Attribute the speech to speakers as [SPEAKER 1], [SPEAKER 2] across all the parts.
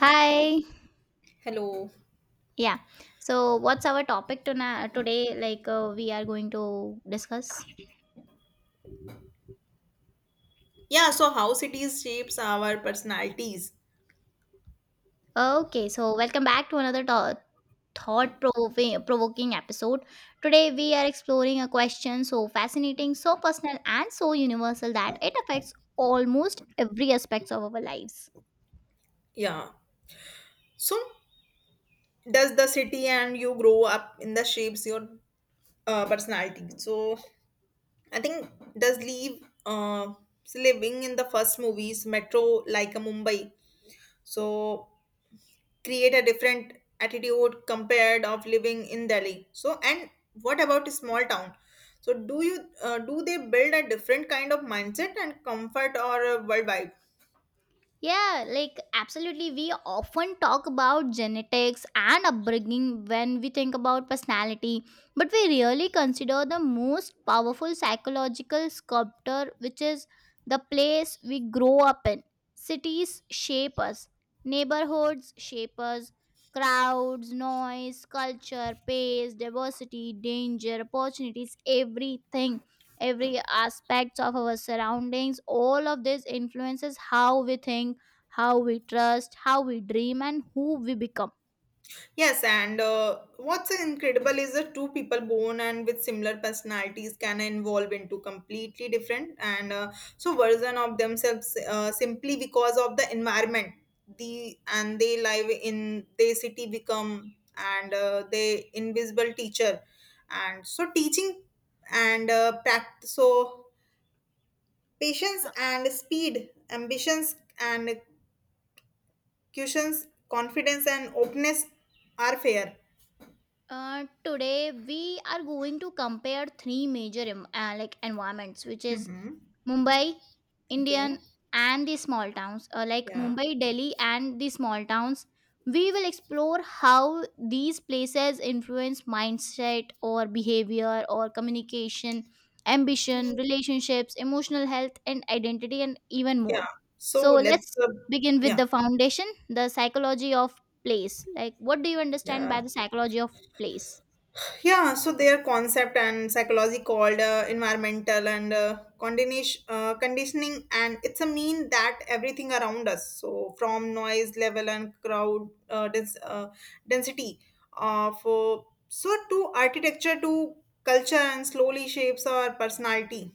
[SPEAKER 1] Hi.
[SPEAKER 2] Hello.
[SPEAKER 1] Yeah. So, what's our topic tonight today? Like, we are going to discuss.
[SPEAKER 2] Yeah, so how cities shapes our personalities.
[SPEAKER 1] Okay. So, welcome back to another thought-provoking provoking episode. Today, we are exploring a question so fascinating, so personal, and so universal that it affects almost every aspect of our lives.
[SPEAKER 2] Yeah. So does the city and you grow up in the shapes your personality. So I think does leave living in the first movies metro like a Mumbai. So create a different attitude compared of living in Delhi. So and what about a small town? So do you do they build a different kind of mindset and comfort or a world vibe?
[SPEAKER 1] Yeah, like absolutely. We often talk about genetics and upbringing when we think about personality, but we really consider the most powerful psychological sculptor, which is the place we grow up in. Cities shape us, neighborhoods shape us, crowds, noise, culture, pace, diversity, danger, opportunities, everything, every aspects of our surroundings, all of this influences how we think, how we trust, how we dream, and who we become.
[SPEAKER 2] Yes, and what's incredible is that two people born and with similar personalities can evolve into completely different and so version of themselves simply because of the environment the and they live in their city become and they invisible teacher and so teaching and practice so patience and speed ambitions and cushions confidence and openness are fair.
[SPEAKER 1] Today, we are going to compare three major like environments, which is
[SPEAKER 2] Mhm.
[SPEAKER 1] Mumbai,
[SPEAKER 2] Okay.
[SPEAKER 1] Indian, and the small towns. Like
[SPEAKER 2] Yeah.
[SPEAKER 1] Mumbai, Delhi, and the small towns. We will explore how these places influence mindset or behavior or communication, ambition, relationships, emotional health, and identity, and even more.
[SPEAKER 2] Yeah. So
[SPEAKER 1] So
[SPEAKER 2] let's,
[SPEAKER 1] let's
[SPEAKER 2] uh,
[SPEAKER 1] begin with
[SPEAKER 2] yeah.
[SPEAKER 1] the foundation, the psychology of place. Like, what do you understand by
[SPEAKER 2] Yeah.
[SPEAKER 1] the psychology of place?
[SPEAKER 2] Yeah. So their concept and psychology called environmental and conditioning. And it's a mean that everything around us, so from noise level and crowd density of, so to architecture to culture and slowly shapes our personality.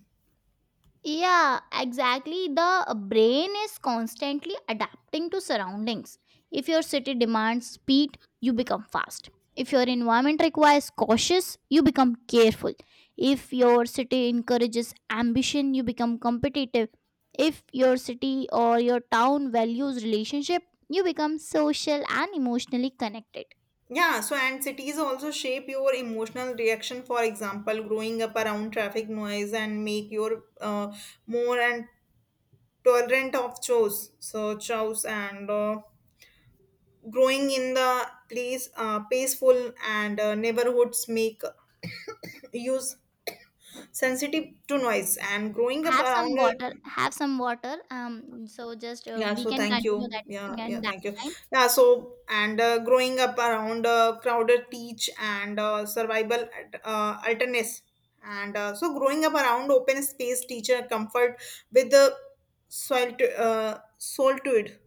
[SPEAKER 1] Yeah, exactly. The brain is constantly adapting to surroundings. If your city demands speed, you become fast. If your environment requires cautious, you become careful. If your city encourages ambition, you become competitive. If your city or your town values relationship, you become social and emotionally connected.
[SPEAKER 2] Yeah, so and cities also shape your emotional reaction. For example, growing up around traffic noise and make your more and tolerant of chores. So chores and growing in the place peaceful and neighborhoods make use sensitive to noise and growing up
[SPEAKER 1] have some
[SPEAKER 2] around.
[SPEAKER 1] water have some water so just,
[SPEAKER 2] Yeah,
[SPEAKER 1] we
[SPEAKER 2] so
[SPEAKER 1] can
[SPEAKER 2] thank
[SPEAKER 1] continue
[SPEAKER 2] you.
[SPEAKER 1] that.
[SPEAKER 2] Yeah, yeah,
[SPEAKER 1] And that
[SPEAKER 2] thank you.
[SPEAKER 1] time,
[SPEAKER 2] Yeah, so and growing up around crowded teach and uh, survival alternates, and so growing up around open space teacher comfort with the solitude.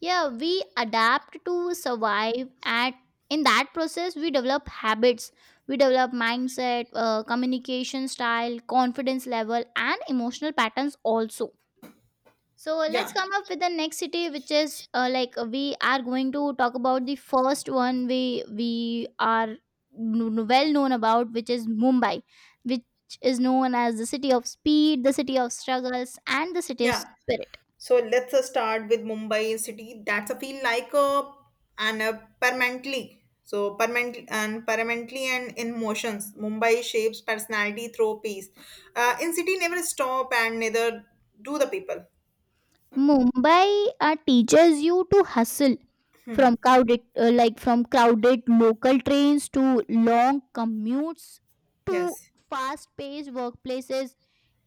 [SPEAKER 1] yeah, we adapt to survive at, in that process we develop habits, we develop mindset, communication style, confidence level, and emotional patterns also. So let's
[SPEAKER 2] Yeah,
[SPEAKER 1] come up with the next city, which is, like, we are going to talk about the first one we are well known about, which is Mumbai, which is known as the city of speed, the city of struggles, and the city of
[SPEAKER 2] yeah.
[SPEAKER 1] spirit.
[SPEAKER 2] So let's start with Mumbai city. That's a feel like a and a permanently. So permanently and in motions. Mumbai shapes personality through peace. In city never stop and neither do the people.
[SPEAKER 1] Mumbai teaches you to hustle, from crowded local trains to long commutes to
[SPEAKER 2] Yes.
[SPEAKER 1] fast-paced workplaces.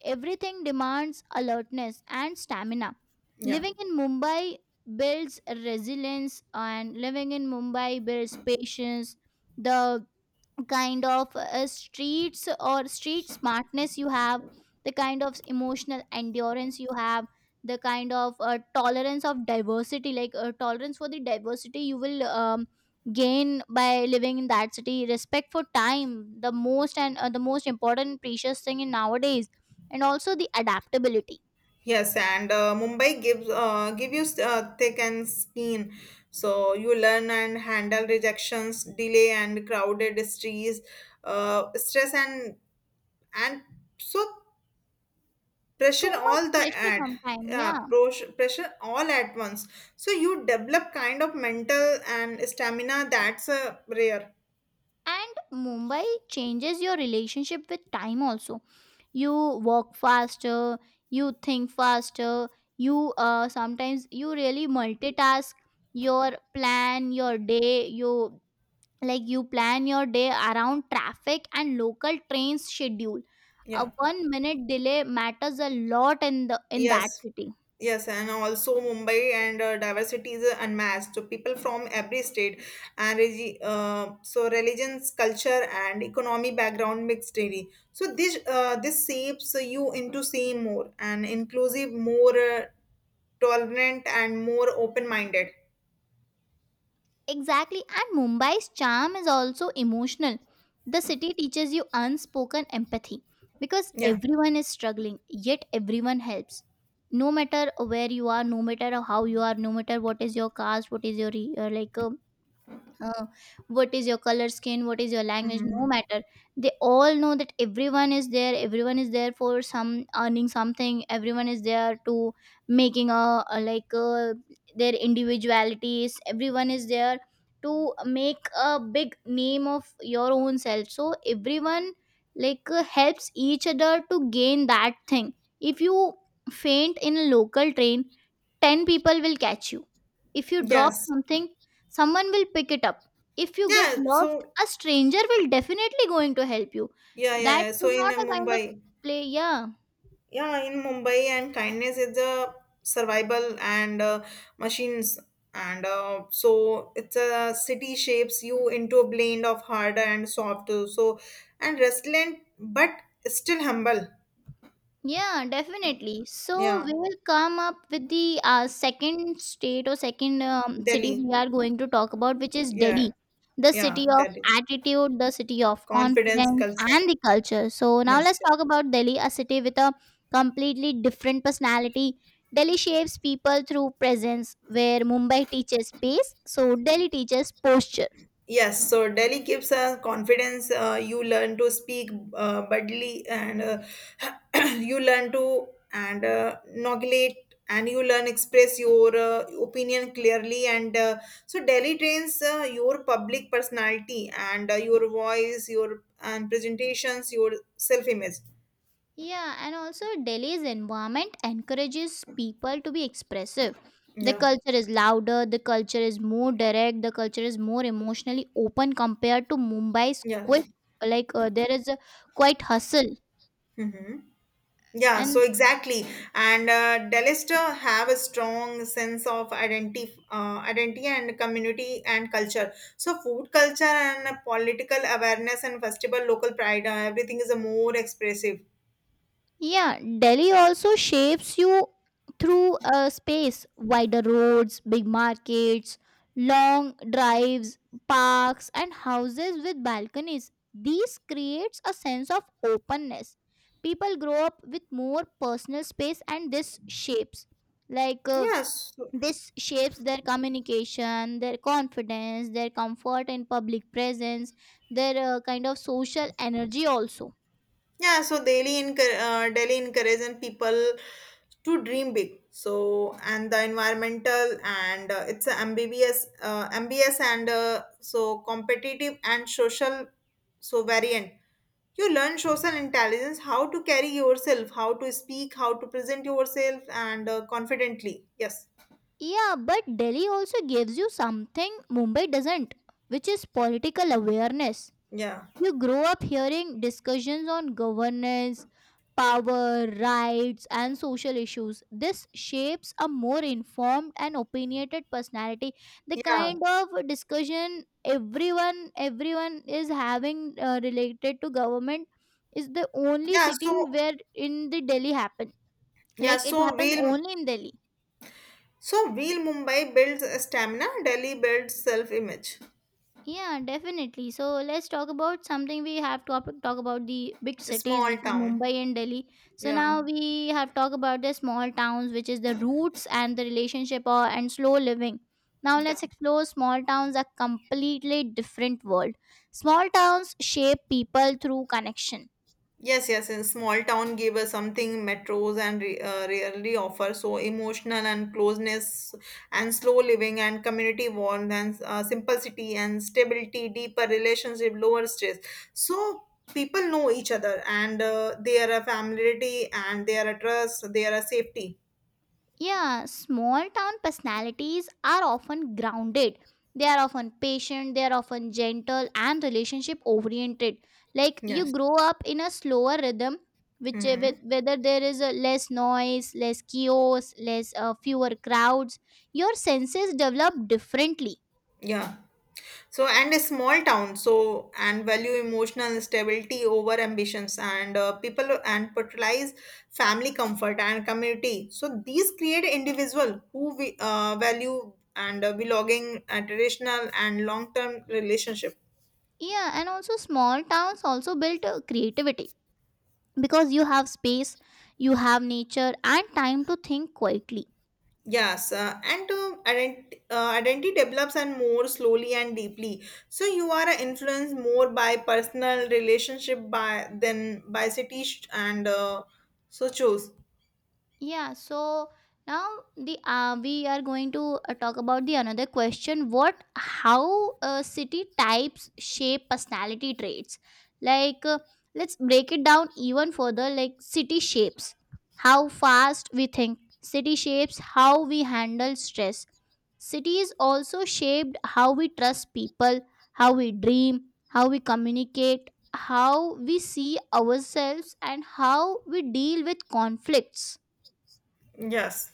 [SPEAKER 1] Everything demands alertness and stamina.
[SPEAKER 2] Yeah.
[SPEAKER 1] Living in Mumbai builds resilience, and living in Mumbai builds patience. The kind of streets or street smartness you have, the kind of emotional endurance you have, the kind of tolerance of diversity, tolerance for the diversity you will gain by living in that city. Respect for time, the most important precious thing in nowadays, and also the adaptability.
[SPEAKER 2] Yes, and Mumbai give you thick and skin, so you learn and handle rejections, delay and crowded streets, stress and so pressure
[SPEAKER 1] So much
[SPEAKER 2] all the
[SPEAKER 1] pressure
[SPEAKER 2] ad
[SPEAKER 1] sometimes, yeah.
[SPEAKER 2] pressure all at once, so you develop kind of mental and stamina that's a rare.
[SPEAKER 1] And Mumbai changes your relationship with time also. You walk faster, you think faster, you sometimes you really multitask, your plan your day you you plan your day around traffic and local train schedule. A
[SPEAKER 2] Yeah.
[SPEAKER 1] 1-minute delay matters a lot in that
[SPEAKER 2] Yes,
[SPEAKER 1] city.
[SPEAKER 2] yes, and also Mumbai and diversity is unmatched, so people from every state and so religions culture and economy background mixed daily. So this shapes you into seeing more and inclusive more tolerant and more open minded.
[SPEAKER 1] Exactly, and Mumbai's charm is also emotional. The city teaches you unspoken empathy because
[SPEAKER 2] Yeah.
[SPEAKER 1] everyone is struggling, yet everyone helps. No matter where you are, no matter how you are, no matter what is your caste, what is your uh, what is your color skin, what is your language, no
[SPEAKER 2] Hmm.
[SPEAKER 1] matter, they all know that everyone is there, everyone is there for some earning something, everyone is there to making a, their individualities, everyone is there to make a big name of your own self, so everyone, like, helps each other to gain that thing. If you faint in a local train, 10 people will catch you. If you drop
[SPEAKER 2] Yes.
[SPEAKER 1] something, someone will pick it up. If you get
[SPEAKER 2] Yeah,
[SPEAKER 1] lost,
[SPEAKER 2] so
[SPEAKER 1] a stranger will definitely going to help you.
[SPEAKER 2] yeah,
[SPEAKER 1] That
[SPEAKER 2] yeah, yeah. So
[SPEAKER 1] is
[SPEAKER 2] in
[SPEAKER 1] not
[SPEAKER 2] uh,
[SPEAKER 1] a kind of
[SPEAKER 2] Mumbai,
[SPEAKER 1] play, yeah.
[SPEAKER 2] yeah, in Mumbai, and kindness is a survival and machines, and so it's a city shapes you into a blend of hard and soft. So and resilient, but still humble.
[SPEAKER 1] Yeah, definitely. So
[SPEAKER 2] Yeah,
[SPEAKER 1] we will come up with the second state or second city
[SPEAKER 2] Delhi.
[SPEAKER 1] we are going to talk about, which is Delhi,
[SPEAKER 2] Yeah,
[SPEAKER 1] the city
[SPEAKER 2] yeah,
[SPEAKER 1] of
[SPEAKER 2] Delhi.
[SPEAKER 1] attitude, the city of
[SPEAKER 2] Confidence
[SPEAKER 1] confidence,
[SPEAKER 2] culture.
[SPEAKER 1] and the culture. So now
[SPEAKER 2] Yes,
[SPEAKER 1] let's
[SPEAKER 2] yes.
[SPEAKER 1] talk about Delhi, a city with a completely different personality. Delhi shapes people through presence, where Mumbai teaches pace, so Delhi teaches posture.
[SPEAKER 2] Yes, so Delhi gives a confidence. You learn to speak boldly, and you learn to and inaugurate, and you learn express your opinion clearly. And so Delhi trains your public personality and your voice, your and presentations, your self image.
[SPEAKER 1] Yeah, and also Delhi's environment encourages people to be expressive. The
[SPEAKER 2] Yeah,
[SPEAKER 1] culture is louder, the culture is more direct, the culture is more emotionally open compared to Mumbai's
[SPEAKER 2] yeah.
[SPEAKER 1] quite, there is a quite hustle,
[SPEAKER 2] Mhm. Yeah, so
[SPEAKER 1] and,
[SPEAKER 2] exactly. And Delester have a strong sense of identity and community and culture. So food culture and political awareness and festival local pride, everything is a more expressive.
[SPEAKER 1] yeah, Delhi also shapes you through space, wider roads, big markets, long drives, parks, and houses with balconies. These creates a sense of openness. People grow up with more personal space, and this shapes, like uh,
[SPEAKER 2] Yeah, so,
[SPEAKER 1] their communication, their confidence, their comfort in public presence, their kind of social energy also.
[SPEAKER 2] yeah, so Delhi encouraging people to dream big. So, and the environmental and it's a ambiguous and so competitive and social, so variant. You learn social intelligence, how to carry yourself, how to speak, how to present yourself, and confidently. Yes.
[SPEAKER 1] Yeah, but Delhi also gives you something Mumbai doesn't, which is political awareness.
[SPEAKER 2] Yeah.
[SPEAKER 1] You grow up hearing discussions on governance, power, rights, and social issues. This shapes a more informed and opinionated personality. The
[SPEAKER 2] Yeah.
[SPEAKER 1] kind of discussion everyone is having, related to government, is the only
[SPEAKER 2] Yeah.
[SPEAKER 1] city
[SPEAKER 2] So,
[SPEAKER 1] where in the Delhi happen.
[SPEAKER 2] yeah.
[SPEAKER 1] Like, it happens only in Delhi.
[SPEAKER 2] So will Mumbai builds stamina, Delhi builds self image.
[SPEAKER 1] Yeah, definitely. So let's talk about something we have to talk about, the big cities,
[SPEAKER 2] Small
[SPEAKER 1] which is
[SPEAKER 2] town.
[SPEAKER 1] Mumbai and Delhi. So
[SPEAKER 2] Yeah.
[SPEAKER 1] now we have talked about the small towns, which is the roots and the relationship or and slow living. Now
[SPEAKER 2] Yeah.
[SPEAKER 1] let's explore small towns, a completely different world. Small towns shape people through connection.
[SPEAKER 2] Yes, yes, in small town gave us something metros and rarely offer. So emotional and closeness and slow living and community warmth and simplicity and stability, deeper relationship, lower stress. So people know each other and they are a familiarity and they are a trust, they are a safety.
[SPEAKER 1] Yeah, small town personalities are often grounded. They are often patient, they are often gentle and relationship oriented. Like, you
[SPEAKER 2] Yes.
[SPEAKER 1] grow up in a slower rhythm, which, with
[SPEAKER 2] Hmm.
[SPEAKER 1] whether there is less noise, less chaos, less fewer crowds, your senses develop differently.
[SPEAKER 2] Yeah. So, and a small town, so, and value emotional stability over ambitions, and people and prioritize family comfort and community. So, these create individual who we, value and belonging, traditional and long term relationship.
[SPEAKER 1] Yeah, and also small towns also build creativity, because you have space, you have nature and time to think quietly.
[SPEAKER 2] Yes, and identity develops and more slowly and deeply. So you are influenced more by personal relationship by than by city sh- and so choose.
[SPEAKER 1] Yeah, so now the we are going to, talk about the another question, what how, city types shape personality traits. Like, let's break it down even further. Like, city shapes how fast we think. City shapes how we handle stress. Cities also shaped how we trust people, how we dream, how we communicate, how we see ourselves, and how we deal with conflicts.
[SPEAKER 2] Yes.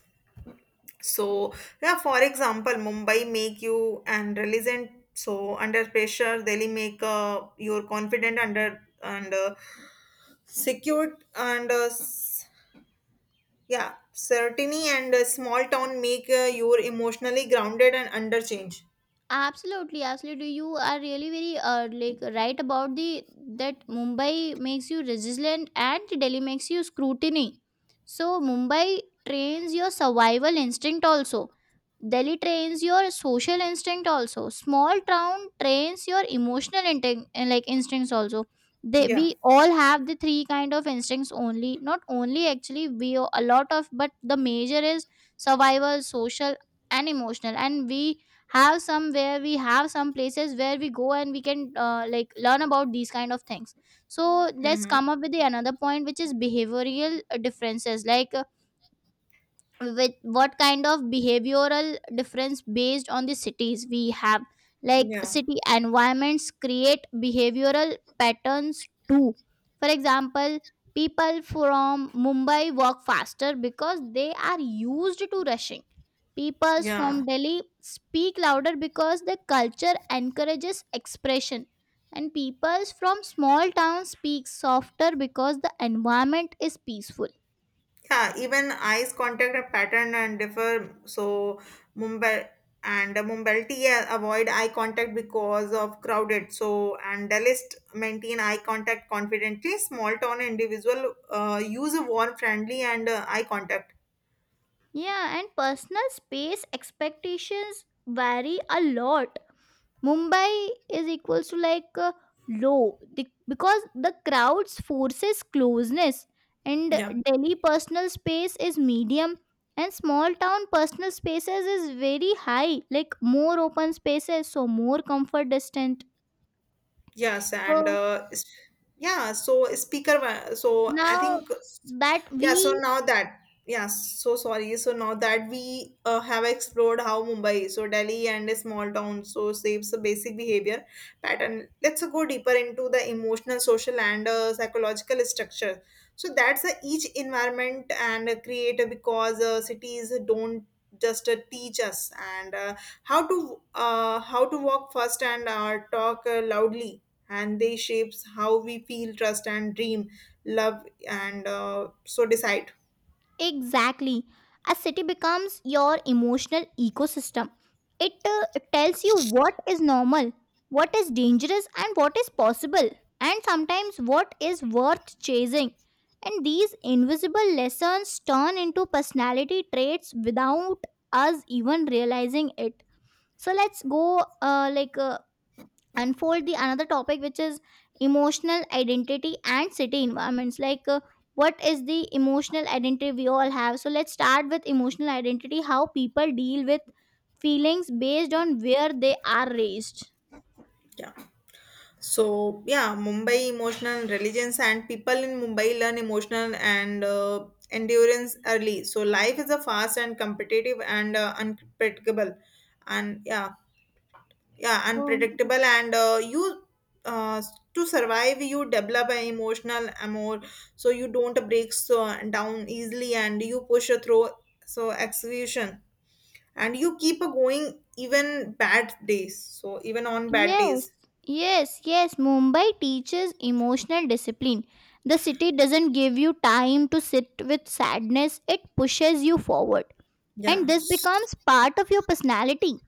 [SPEAKER 2] So yeah, for example, Mumbai make you and resilient. So under pressure, Delhi make your confident under and secured and uh, s- yeah, certainty and small town make you emotionally grounded and under change.
[SPEAKER 1] Absolutely, absolutely. You are really very, like, right about the that Mumbai makes you resilient and Delhi makes you scrutiny. So Mumbai trains your survival instinct also. Delhi trains your social instinct also. Small town trains your emotional instincts also. They
[SPEAKER 2] Yeah.
[SPEAKER 1] we all have the three kind of instincts only. Not only actually, we a lot of, but the major is survival, social and emotional, and we have some places where we go and we can, like, learn about these kind of things. So let's
[SPEAKER 2] Mm-hmm.
[SPEAKER 1] come up with the another point, which is behavioral differences. Like, with what kind of behavioral difference based on the cities we have, like,
[SPEAKER 2] Yeah.
[SPEAKER 1] city environments create behavioral patterns too. For example, people from Mumbai walk faster because they are used to rushing. People from
[SPEAKER 2] Yeah.
[SPEAKER 1] Delhi speak louder because the culture encourages expression, and people from small towns speak softer because the environment is peaceful.
[SPEAKER 2] Yeah, even eyes contact are pattern and differ. So Mumbai and Mumbalti avoid eye contact because of crowded. So and Dalist maintain eye contact confidently. Small town individual use a warm, friendly, and eye contact.
[SPEAKER 1] Yeah, and personal space expectations vary a lot. Mumbai is equals to, low the, because the crowds forces closeness, and
[SPEAKER 2] Yeah.
[SPEAKER 1] Delhi personal space is medium, and small town personal spaces is very high, like more open spaces, so more comfort distant.
[SPEAKER 2] Yes, and
[SPEAKER 1] So
[SPEAKER 2] yeah, so speaker, wa- so I
[SPEAKER 1] now
[SPEAKER 2] think,
[SPEAKER 1] that
[SPEAKER 2] yeah, so
[SPEAKER 1] we,
[SPEAKER 2] now that, yeah, so sorry, so now that we have explored how Mumbai, so Delhi and a small town, so shapes the basic behavior pattern, let's go deeper into the emotional, social, and psychological structure. So that's each environment and creator because cities don't just teach us and how to walk fast and talk loudly and they shapes how we feel trust and dream love and so decide.
[SPEAKER 1] exactly. A city becomes your emotional ecosystem. It tells you what is normal, what is dangerous, and what is possible, and sometimes what is worth chasing. And these invisible lessons turn into personality traits without us even realizing it. So let's go, unfold the another topic, which is emotional identity and city environments. Like, what is the emotional identity we all have? So let's start with emotional identity, how people deal with feelings based on where they are raised.
[SPEAKER 2] Yeah, so yeah, Mumbai emotional religions and people in Mumbai learn emotional and endurance early. So life is a fast and competitive and unpredictable and yeah yeah
[SPEAKER 1] Oh,
[SPEAKER 2] unpredictable and you uh, to survive you develop an emotional amor, so you don't break so down easily and you push through so execution and you keep a going even on bad
[SPEAKER 1] yes,
[SPEAKER 2] days.
[SPEAKER 1] yes, yes. Mumbai teaches emotional discipline. The city doesn't give you time to sit with sadness, it pushes you forward. And
[SPEAKER 2] Yeah.
[SPEAKER 1] this becomes part of your personality.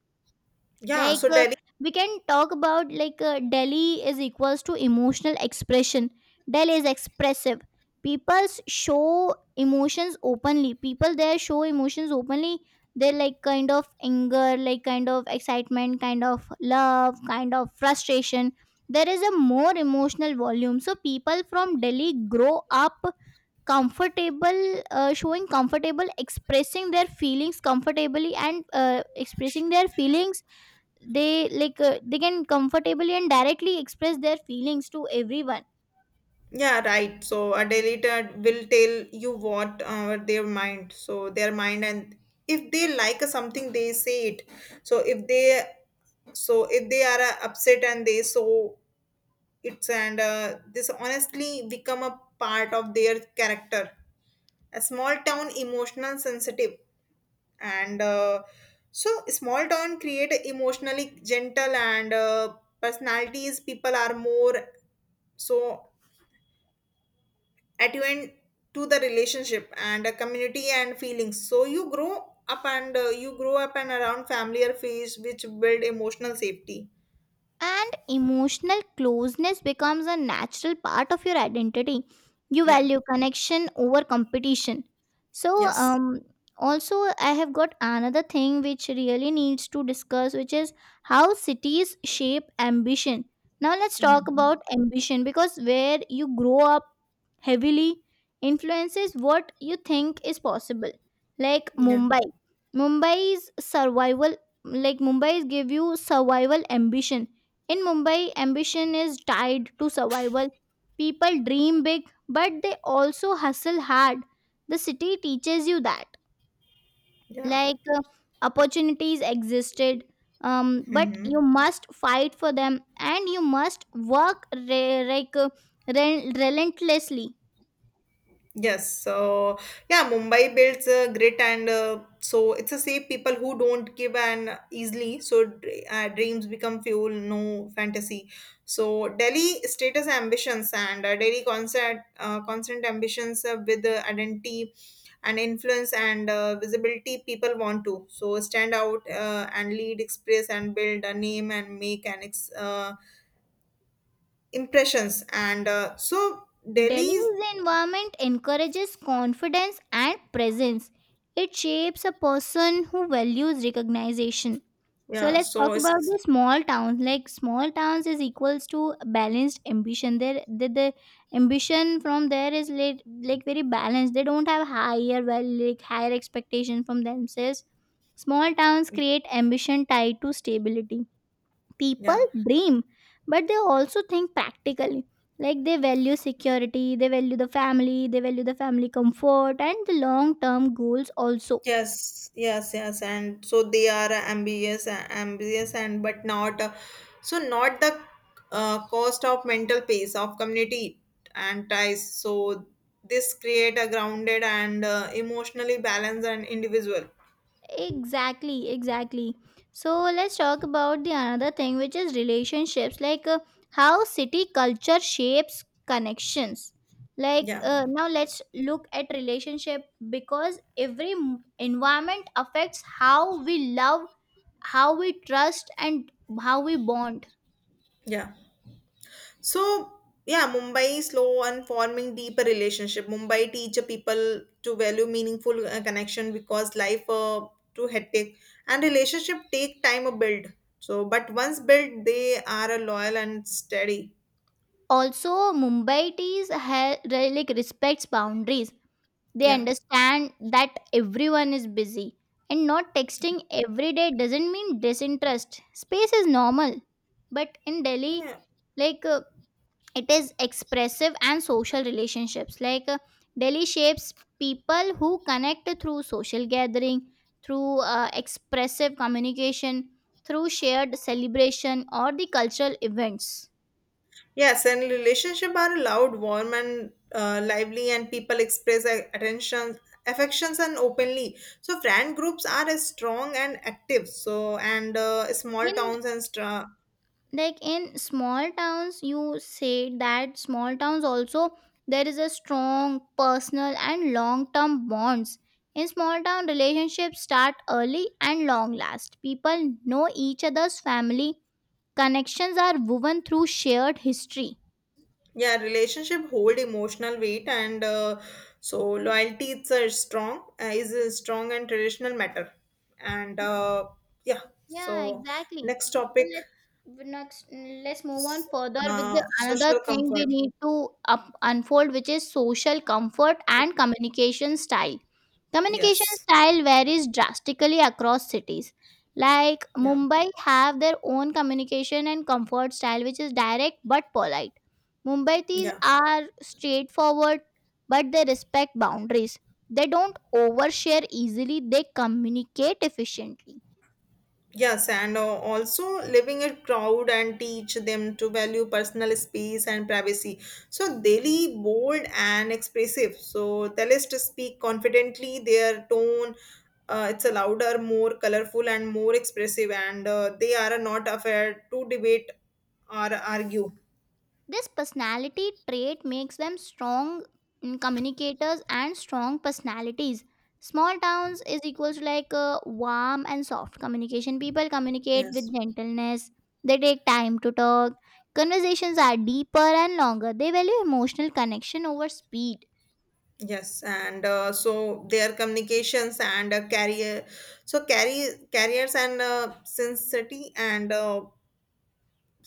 [SPEAKER 2] Yeah,
[SPEAKER 1] Like,
[SPEAKER 2] so Delhi.
[SPEAKER 1] we can talk about, like, Delhi is equals to emotional expression. Delhi is expressive. People show emotions openly, people there show emotions openly. They, like, kind of anger, like kind of excitement, kind of love, kind of frustration. There is a more emotional volume, so people from Delhi grow up comfortable, showing, comfortable expressing their feelings comfortably, and, expressing their feelings, they, they can comfortably and directly express their feelings to everyone.
[SPEAKER 2] Yeah, right, so a deleter will tell you what their mind, so their mind, and if they like something they say it, so if they so if they are upset and they so it's and this honestly become a part of their character. A small town emotional sensitive and so small town create a emotionally gentle and personalities. People are more so attuned to the relationship and a community and feelings, so you grow up and around familiar face which build emotional safety.
[SPEAKER 1] And emotional closeness becomes a natural part of your identity. You
[SPEAKER 2] Yeah.
[SPEAKER 1] value connection over competition. So,
[SPEAKER 2] Yes.
[SPEAKER 1] also, I have got another thing which really needs to discuss, which is how cities shape ambition. Now, let's talk
[SPEAKER 2] Hmm.
[SPEAKER 1] about ambition, because where you grow up heavily influences what you think is possible. Like
[SPEAKER 2] Yeah.
[SPEAKER 1] Mumbai, Mumbai's survival, Mumbai's give you survival ambition. In Mumbai, ambition is tied to survival. People dream big, but they also hustle hard. The city teaches you that.
[SPEAKER 2] Yeah.
[SPEAKER 1] Like uh, Opportunities existed, but you
[SPEAKER 2] Hmm.
[SPEAKER 1] must fight for them, and you must work relentlessly.
[SPEAKER 2] Yes, so yeah, Mumbai builds grit, and so it's a safe people who don't give an easily. So dreams become fuel, no fantasy. So Delhi status ambitions and Delhi constant ambitions with identity and influence and visibility. People want to, so stand out and lead, express and build a name and make an impressions. And so Delhi,
[SPEAKER 1] Delhi's environment encourages confidence and presence. It shapes a person who values recognition. So
[SPEAKER 2] yeah,
[SPEAKER 1] let's talk
[SPEAKER 2] so
[SPEAKER 1] about
[SPEAKER 2] it's
[SPEAKER 1] the small towns. Like, small towns is equals to balanced ambition. There, the ambition from there is like very balanced. They don't have higher well like higher expectation from themselves. Small towns create ambition tied to stability. People
[SPEAKER 2] yeah.
[SPEAKER 1] dream, but they also think practically. Like, they value security, they value the family, they value the family comfort and the long term goals also.
[SPEAKER 2] Yes, yes, yes, and so they are ambitious, and but not so not the cost of mental peace of community and ties. So this create a grounded and emotionally balanced and individual.
[SPEAKER 1] Exactly, exactly. So let's talk about the another thing, which is relationships. How city culture shapes connections.
[SPEAKER 2] Yeah,
[SPEAKER 1] Now let's look at relationship, because every environment affects how we love, how we trust, and how we bond.
[SPEAKER 2] yeah. So, yeah, Mumbai is slow and forming deeper relationship. Mumbai teach a people to value meaningful connection because life too hectic and relationship take time to build. So, but once built, they are loyal and steady.
[SPEAKER 1] Also, Mumbaitis have like respects boundaries. They
[SPEAKER 2] Yeah.
[SPEAKER 1] understand that everyone is busy, and not texting every day doesn't mean disinterest. Space is normal. But in Delhi,
[SPEAKER 2] Yeah.
[SPEAKER 1] like uh, it is expressive and social relationships. Delhi shapes people who connect through social gathering, through expressive communication, through shared celebration or the cultural events.
[SPEAKER 2] Yes, and relationship are loud, warm, and lively, and people express their attention, affections, and openly. So, friend groups are strong and active. So, and small
[SPEAKER 1] In
[SPEAKER 2] towns and stra
[SPEAKER 1] Like, in small towns, you said that small towns also, there is a strong personal and long term bonds. In small town, relationships start early and long last. People know each other's family. Connections are woven through shared history.
[SPEAKER 2] yeah relationship hold emotional weight and so loyalty it's a strong is a strong and traditional matter and yeah,
[SPEAKER 1] Yeah,
[SPEAKER 2] so
[SPEAKER 1] exactly.
[SPEAKER 2] next
[SPEAKER 1] So
[SPEAKER 2] topic.
[SPEAKER 1] next let's move
[SPEAKER 2] s-
[SPEAKER 1] on further with the another
[SPEAKER 2] Social
[SPEAKER 1] thing we
[SPEAKER 2] comfort.
[SPEAKER 1] need to unfold, which is social comfort and communication style. Communication
[SPEAKER 2] Yes.
[SPEAKER 1] style varies drastically across cities. Like,
[SPEAKER 2] Yeah.
[SPEAKER 1] Mumbai have their own communication and comfort style, which is direct but polite. Mumbaitis
[SPEAKER 2] Yeah.
[SPEAKER 1] are straightforward, but they respect boundaries. They don't overshare easily. They communicate efficiently.
[SPEAKER 2] Yes, and also living a crowd and teach them to value personal space and privacy. So daily bold and expressive. So tell us to speak confidently. Their tone, it's a louder, more colorful, and more expressive. And they are not afraid to debate or argue.
[SPEAKER 1] This personality trait makes them strong communicators and strong personalities. Small towns is equals to warm and soft communication. People communicate with
[SPEAKER 2] Yes.
[SPEAKER 1] gentleness. They take time to talk. Conversations are deeper and longer. They value emotional connection over speed.
[SPEAKER 2] Yes, and so their communications and career, so carry careers and sincerity and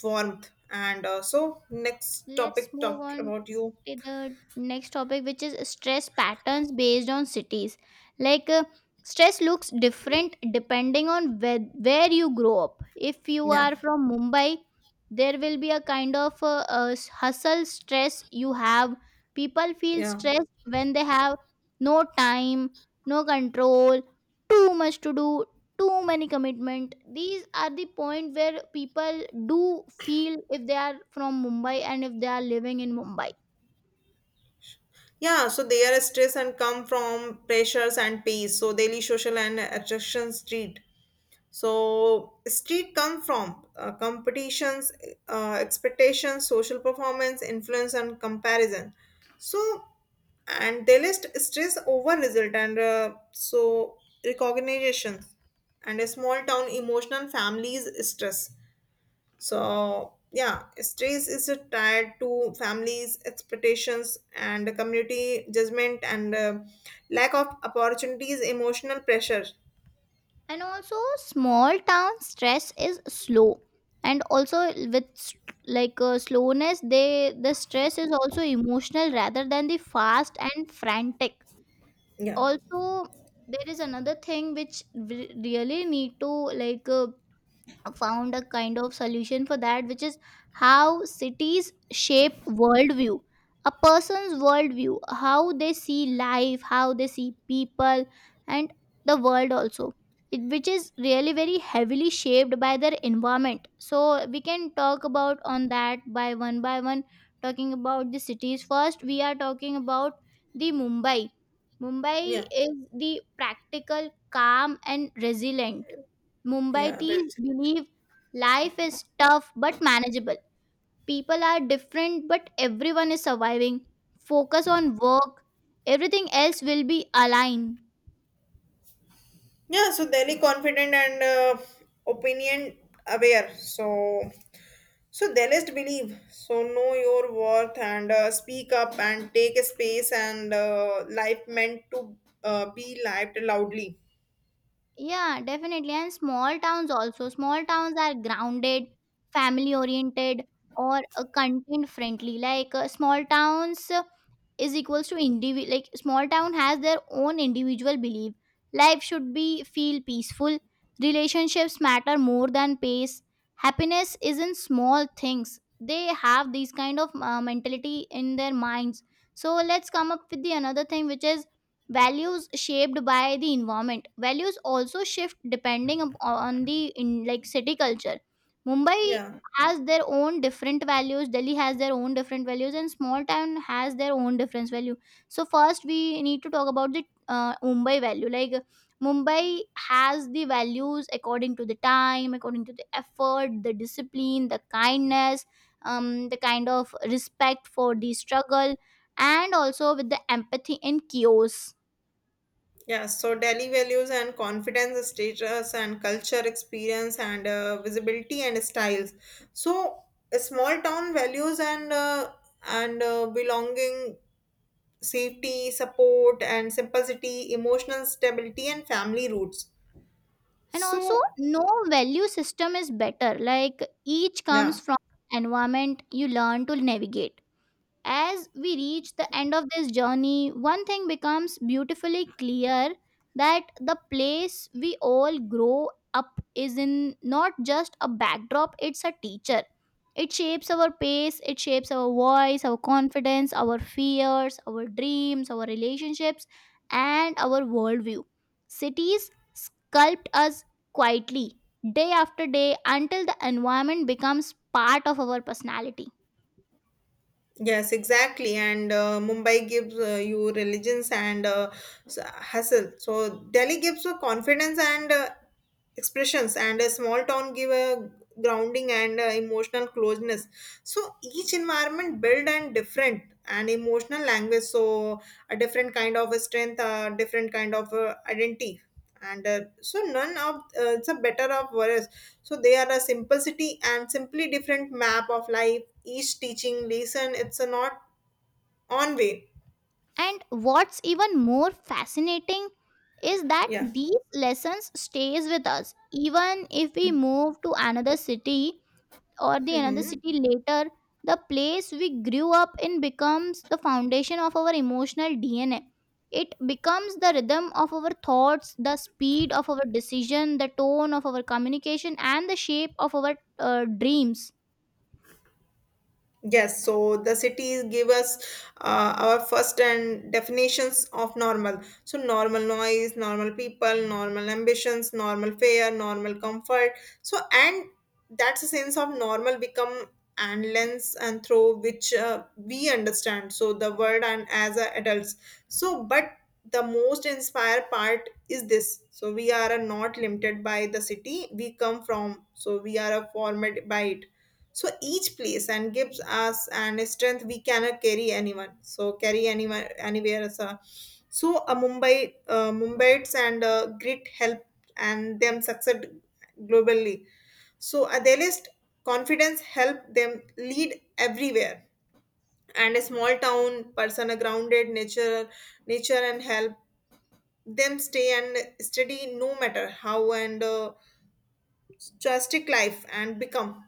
[SPEAKER 2] warmth and so next
[SPEAKER 1] Let's
[SPEAKER 2] topic
[SPEAKER 1] move
[SPEAKER 2] talked
[SPEAKER 1] on
[SPEAKER 2] about you.
[SPEAKER 1] to the next topic, which is stress patterns based on cities. Like, uh, Stress looks different depending on where you grow up. If you
[SPEAKER 2] Yeah.
[SPEAKER 1] are from Mumbai, there will be a kind of hustle stress you have. People feel
[SPEAKER 2] Yeah.
[SPEAKER 1] stressed when they have no time, no control, too much to do, too many commitment. These are the point where people do feel if they are from Mumbai and if they are living in Mumbai.
[SPEAKER 2] Yeah, so they are stressed and come from pressures and pace, so daily social and attraction street, so street come from competitions expectations social performance influence and comparison. So and they list stress over result and so recognition and a small town emotional families stress. So yeah, stress is tied to families' expectations and community judgment and lack of opportunities, emotional pressure.
[SPEAKER 1] And also, small town stress is slow, and also with slowness, they the stress is also emotional rather than the fast and frantic.
[SPEAKER 2] Yeah,
[SPEAKER 1] Also, there is another thing which we really need to like uh, found a kind of solution for that, which is how cities shape worldview. A person's worldview, how they see life, how they see people and the world also, it, which is really very heavily shaped by their environment. So we can talk about on that by one by one. Talking about the cities, first we are talking about the Mumbai. Mumbai
[SPEAKER 2] yeah,
[SPEAKER 1] is the practical calm and resilient.
[SPEAKER 2] yeah,
[SPEAKER 1] Mumbaitis
[SPEAKER 2] right.
[SPEAKER 1] believe life is tough but manageable. People are different, but everyone is surviving. Focus on work, everything else will be aligned.
[SPEAKER 2] Yeah, so daily confident and opinion aware. So, so they just believe. So know your worth and speak up and take a space and life meant to be lived loudly.
[SPEAKER 1] Yeah, definitely. And small towns also. Small towns are grounded, family oriented, or content friendly. Small towns is equals to individual. Like, small town has their own individual belief. Life should be feel peaceful. Relationships matter more than pace. Happiness is in small things. They have these kind of mentality in their minds. So let's come up with the another thing, which is values shaped by the environment. Values also shift depending up on the in like city culture. Mumbai
[SPEAKER 2] Yeah.
[SPEAKER 1] has their own different values, Delhi has their own different values, and small town has their own different value. So first we need to talk about the Mumbai value. Like, Mumbai has the values according to the time, according to the effort, the discipline, the kindness, the kind of respect for the struggle, and also with the empathy and chaos.
[SPEAKER 2] Yeah, so Delhi values and confidence, status and culture, experience and visibility and styles. So small town values and belonging, safety, support and simplicity, emotional stability and family roots.
[SPEAKER 1] And also,
[SPEAKER 2] So
[SPEAKER 1] no value system is better. Like, each comes
[SPEAKER 2] yeah,
[SPEAKER 1] from environment you learn to navigate. As we reach the end of this journey, one thing becomes beautifully clear, that the place we all grow up is in not just a backdrop, it's a teacher. It shapes our pace, it shapes our voice, our confidence, our fears, our dreams, our relationships, and our worldview. Cities sculpt us quietly, day after day, until the environment becomes part of our personality.
[SPEAKER 2] yes, exactly. And Mumbai gives you religions and hustle. So Delhi gives you confidence and expressions and a small town give a grounding and emotional closeness. So each environment build and different and emotional language, so a different kind of strength a different kind of identity and so none of it's a better of worse, so they are a simplicity and simply different map of life each teaching lesson it's a not on way.
[SPEAKER 1] And what's even more fascinating is that
[SPEAKER 2] Yeah.
[SPEAKER 1] these lessons stays with us even if we move to another city or the another
[SPEAKER 2] Hmm.
[SPEAKER 1] city later. The place we grew up in becomes the foundation of our emotional DNA. It becomes the rhythm of our thoughts, the speed of our decision, the tone of our communication, and the shape of our dreams.
[SPEAKER 2] Yes, so the cities give us our first and definitions of normal. So normal noise, normal people, normal ambitions, normal fear, normal comfort. So and that's a sense of normal become and lens and through which we understand. So the world and as a adults. So but the most inspired part is this. So we are not limited by the city we come from. So we are formed by it, so each place and gives us an strength we cannot carry anyone, so carry anyone anywhere as a so a mumbaites and grit help and them succeed globally, so a their list confidence help them lead everywhere, and a small town person a grounded nature and help them stay and steady no matter how and drastic life and become.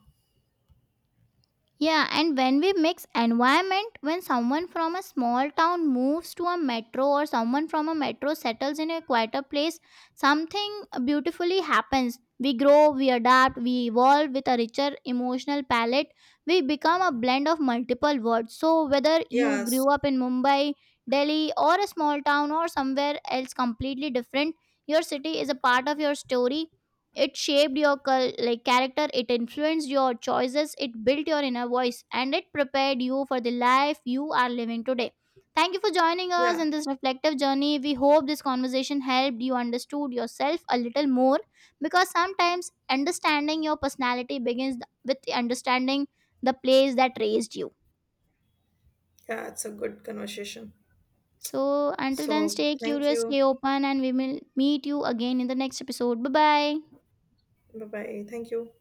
[SPEAKER 1] Yeah, and when we mix environment, when someone from a small town moves to a metro, or someone from a metro settles in a quieter place, something beautifully happens. We grow, we adapt, we evolve with a richer emotional palette. We become a blend of multiple worlds. So, whether you
[SPEAKER 2] Yes.
[SPEAKER 1] grew up in Mumbai, Delhi, or a small town, or somewhere else completely different, your city is a part of your story. It shaped your like character, it influenced your choices, it built your inner voice, and it prepared you for the life you are living today. Thank you for joining us
[SPEAKER 2] Yeah.
[SPEAKER 1] in this reflective journey. We hope this conversation helped you understood yourself a little more, because sometimes understanding your personality begins with the understanding the place that raised you.
[SPEAKER 2] Yeah, it's a good conversation.
[SPEAKER 1] So until then,
[SPEAKER 2] So
[SPEAKER 1] stay
[SPEAKER 2] thank
[SPEAKER 1] curious,
[SPEAKER 2] you.
[SPEAKER 1] stay open, and we will meet you again in the next episode. Bye bye.
[SPEAKER 2] Bye bye. Thank you.